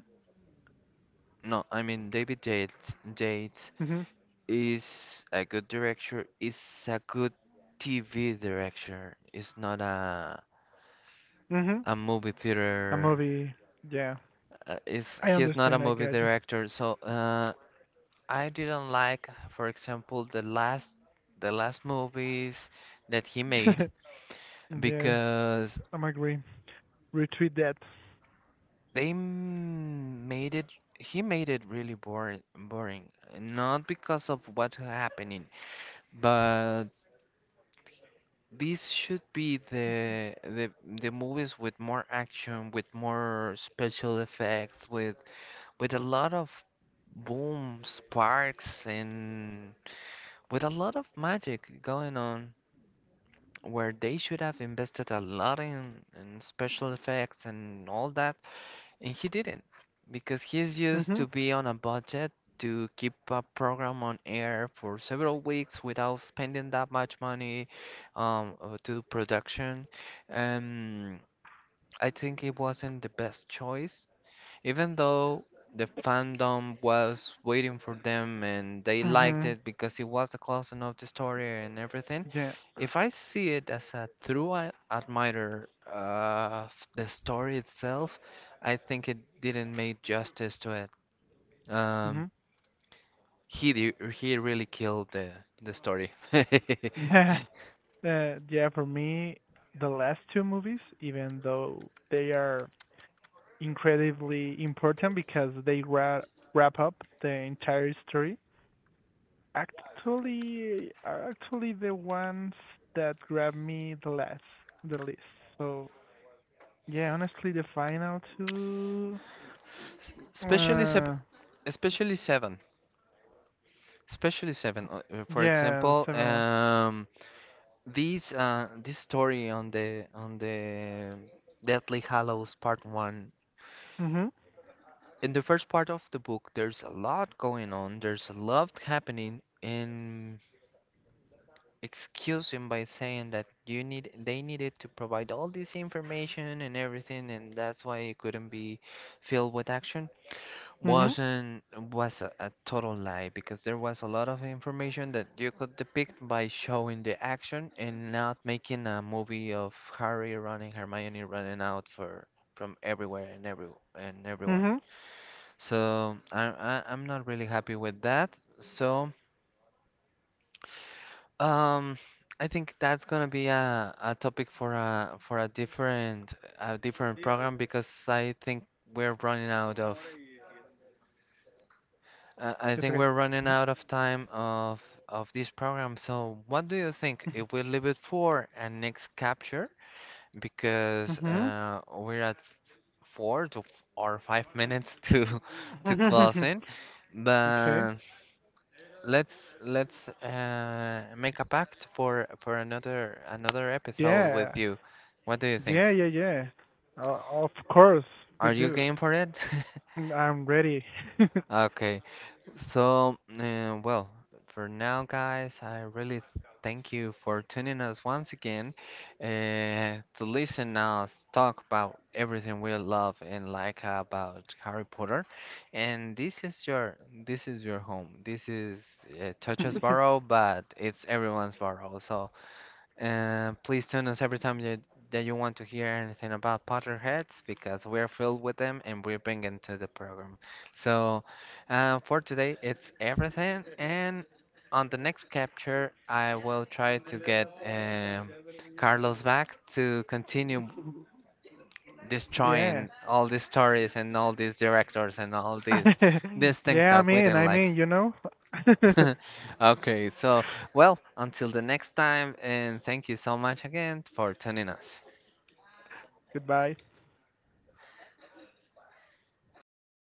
Speaker 1: no, I mean David Yates, Yates
Speaker 2: Mm-hmm.
Speaker 1: is a good director, is a good TV director. Is not a
Speaker 2: Mm-hmm.
Speaker 1: a movie
Speaker 2: A
Speaker 1: theater.
Speaker 2: movie. Yeah.
Speaker 1: Is,
Speaker 2: I
Speaker 1: he's not a
Speaker 2: understand. I
Speaker 1: movie
Speaker 2: got you.
Speaker 1: director, so I didn't like, for example, the last movies that he made
Speaker 2: Yeah.
Speaker 1: because
Speaker 2: I'm agree. Retweet that.
Speaker 1: made it, he made it really boring, boring not because of what's happening, but these should be the the movies with more action, with more special effects, with a lot of boom sparks, and with a lot of magic going on, where they should have invested a lot in special effects and all that, and he didn't, because he's used
Speaker 2: Mm-hmm.
Speaker 1: to be on a budget to keep a program on air for several weeks without spending that much money, to production. Um, I think it wasn't the best choice, even though the fandom was waiting for them and they liked
Speaker 2: Mm-hmm.
Speaker 1: it because it was the closing of the story and everything.
Speaker 2: Yeah.
Speaker 1: If I see it as a true admirer of the story itself, I think it didn't make justice to it.
Speaker 2: Mm-hmm.
Speaker 1: Um, he really killed the story.
Speaker 2: Yeah. Yeah. For me, the last two movies, even though they are incredibly important because they wrap up the entire story. Actually, are actually the ones that grab me the least. So yeah, honestly, the final two.
Speaker 1: Especially sep
Speaker 2: Uh,
Speaker 1: especially seven, especially seven. For
Speaker 2: yeah, the
Speaker 1: example,
Speaker 2: seven one.
Speaker 1: um. This story on the Deathly Hallows Part 1.
Speaker 2: Mhm.
Speaker 1: In the first part of the book, there's a lot going on. There's a lot happening, and excuse him by saying that you need they needed to provide all this information and everything, and that's why it couldn't be filled with action.
Speaker 2: Mhm.
Speaker 1: Wasn't Was a total lie, because there was a lot of information that you could depict by showing the action and not making a movie of Harry running, Hermione running out for, from everywhere and everyone.
Speaker 2: Mhm.
Speaker 1: So I I'm not really happy with that. So, um, I think that's gonna be a topic for a different program because I think we're running out of, I
Speaker 2: It's
Speaker 1: think
Speaker 2: okay.
Speaker 1: we're running out of time of this program. So, what do you think if we leave it for a next capture? Because
Speaker 2: Mhm.
Speaker 1: we're at four to f- or 5 minutes to to close
Speaker 2: Mhm.
Speaker 1: in.
Speaker 2: Okay.
Speaker 1: But let's make a pact for another another episode with
Speaker 2: Yeah,
Speaker 1: you. What do you think?
Speaker 2: yeah, yeah. Yeah. Of course we
Speaker 1: Are you
Speaker 2: do.
Speaker 1: game for it?
Speaker 2: I'm ready.
Speaker 1: Okay. So, well, for now, guys, I really thank you for tuning us once again, uh, to listen us talk about everything we love and like about Harry Potter. And this is your home. This is, Touch's Barrow, but it's everyone's barrow. So, please tune us every time that you want to hear anything about Potterheads, because we're filled with them and we bring them to the program. So, for today, it's everything. And on the next capture, I will try to get, Carlos back to continue
Speaker 2: Yeah.
Speaker 1: destroying all these stories and all these directors and all these things
Speaker 2: Yeah,
Speaker 1: that we didn't like.
Speaker 2: you know.
Speaker 1: Okay, so, well, until the next time, and thank you so much again for tuning us.
Speaker 2: Goodbye.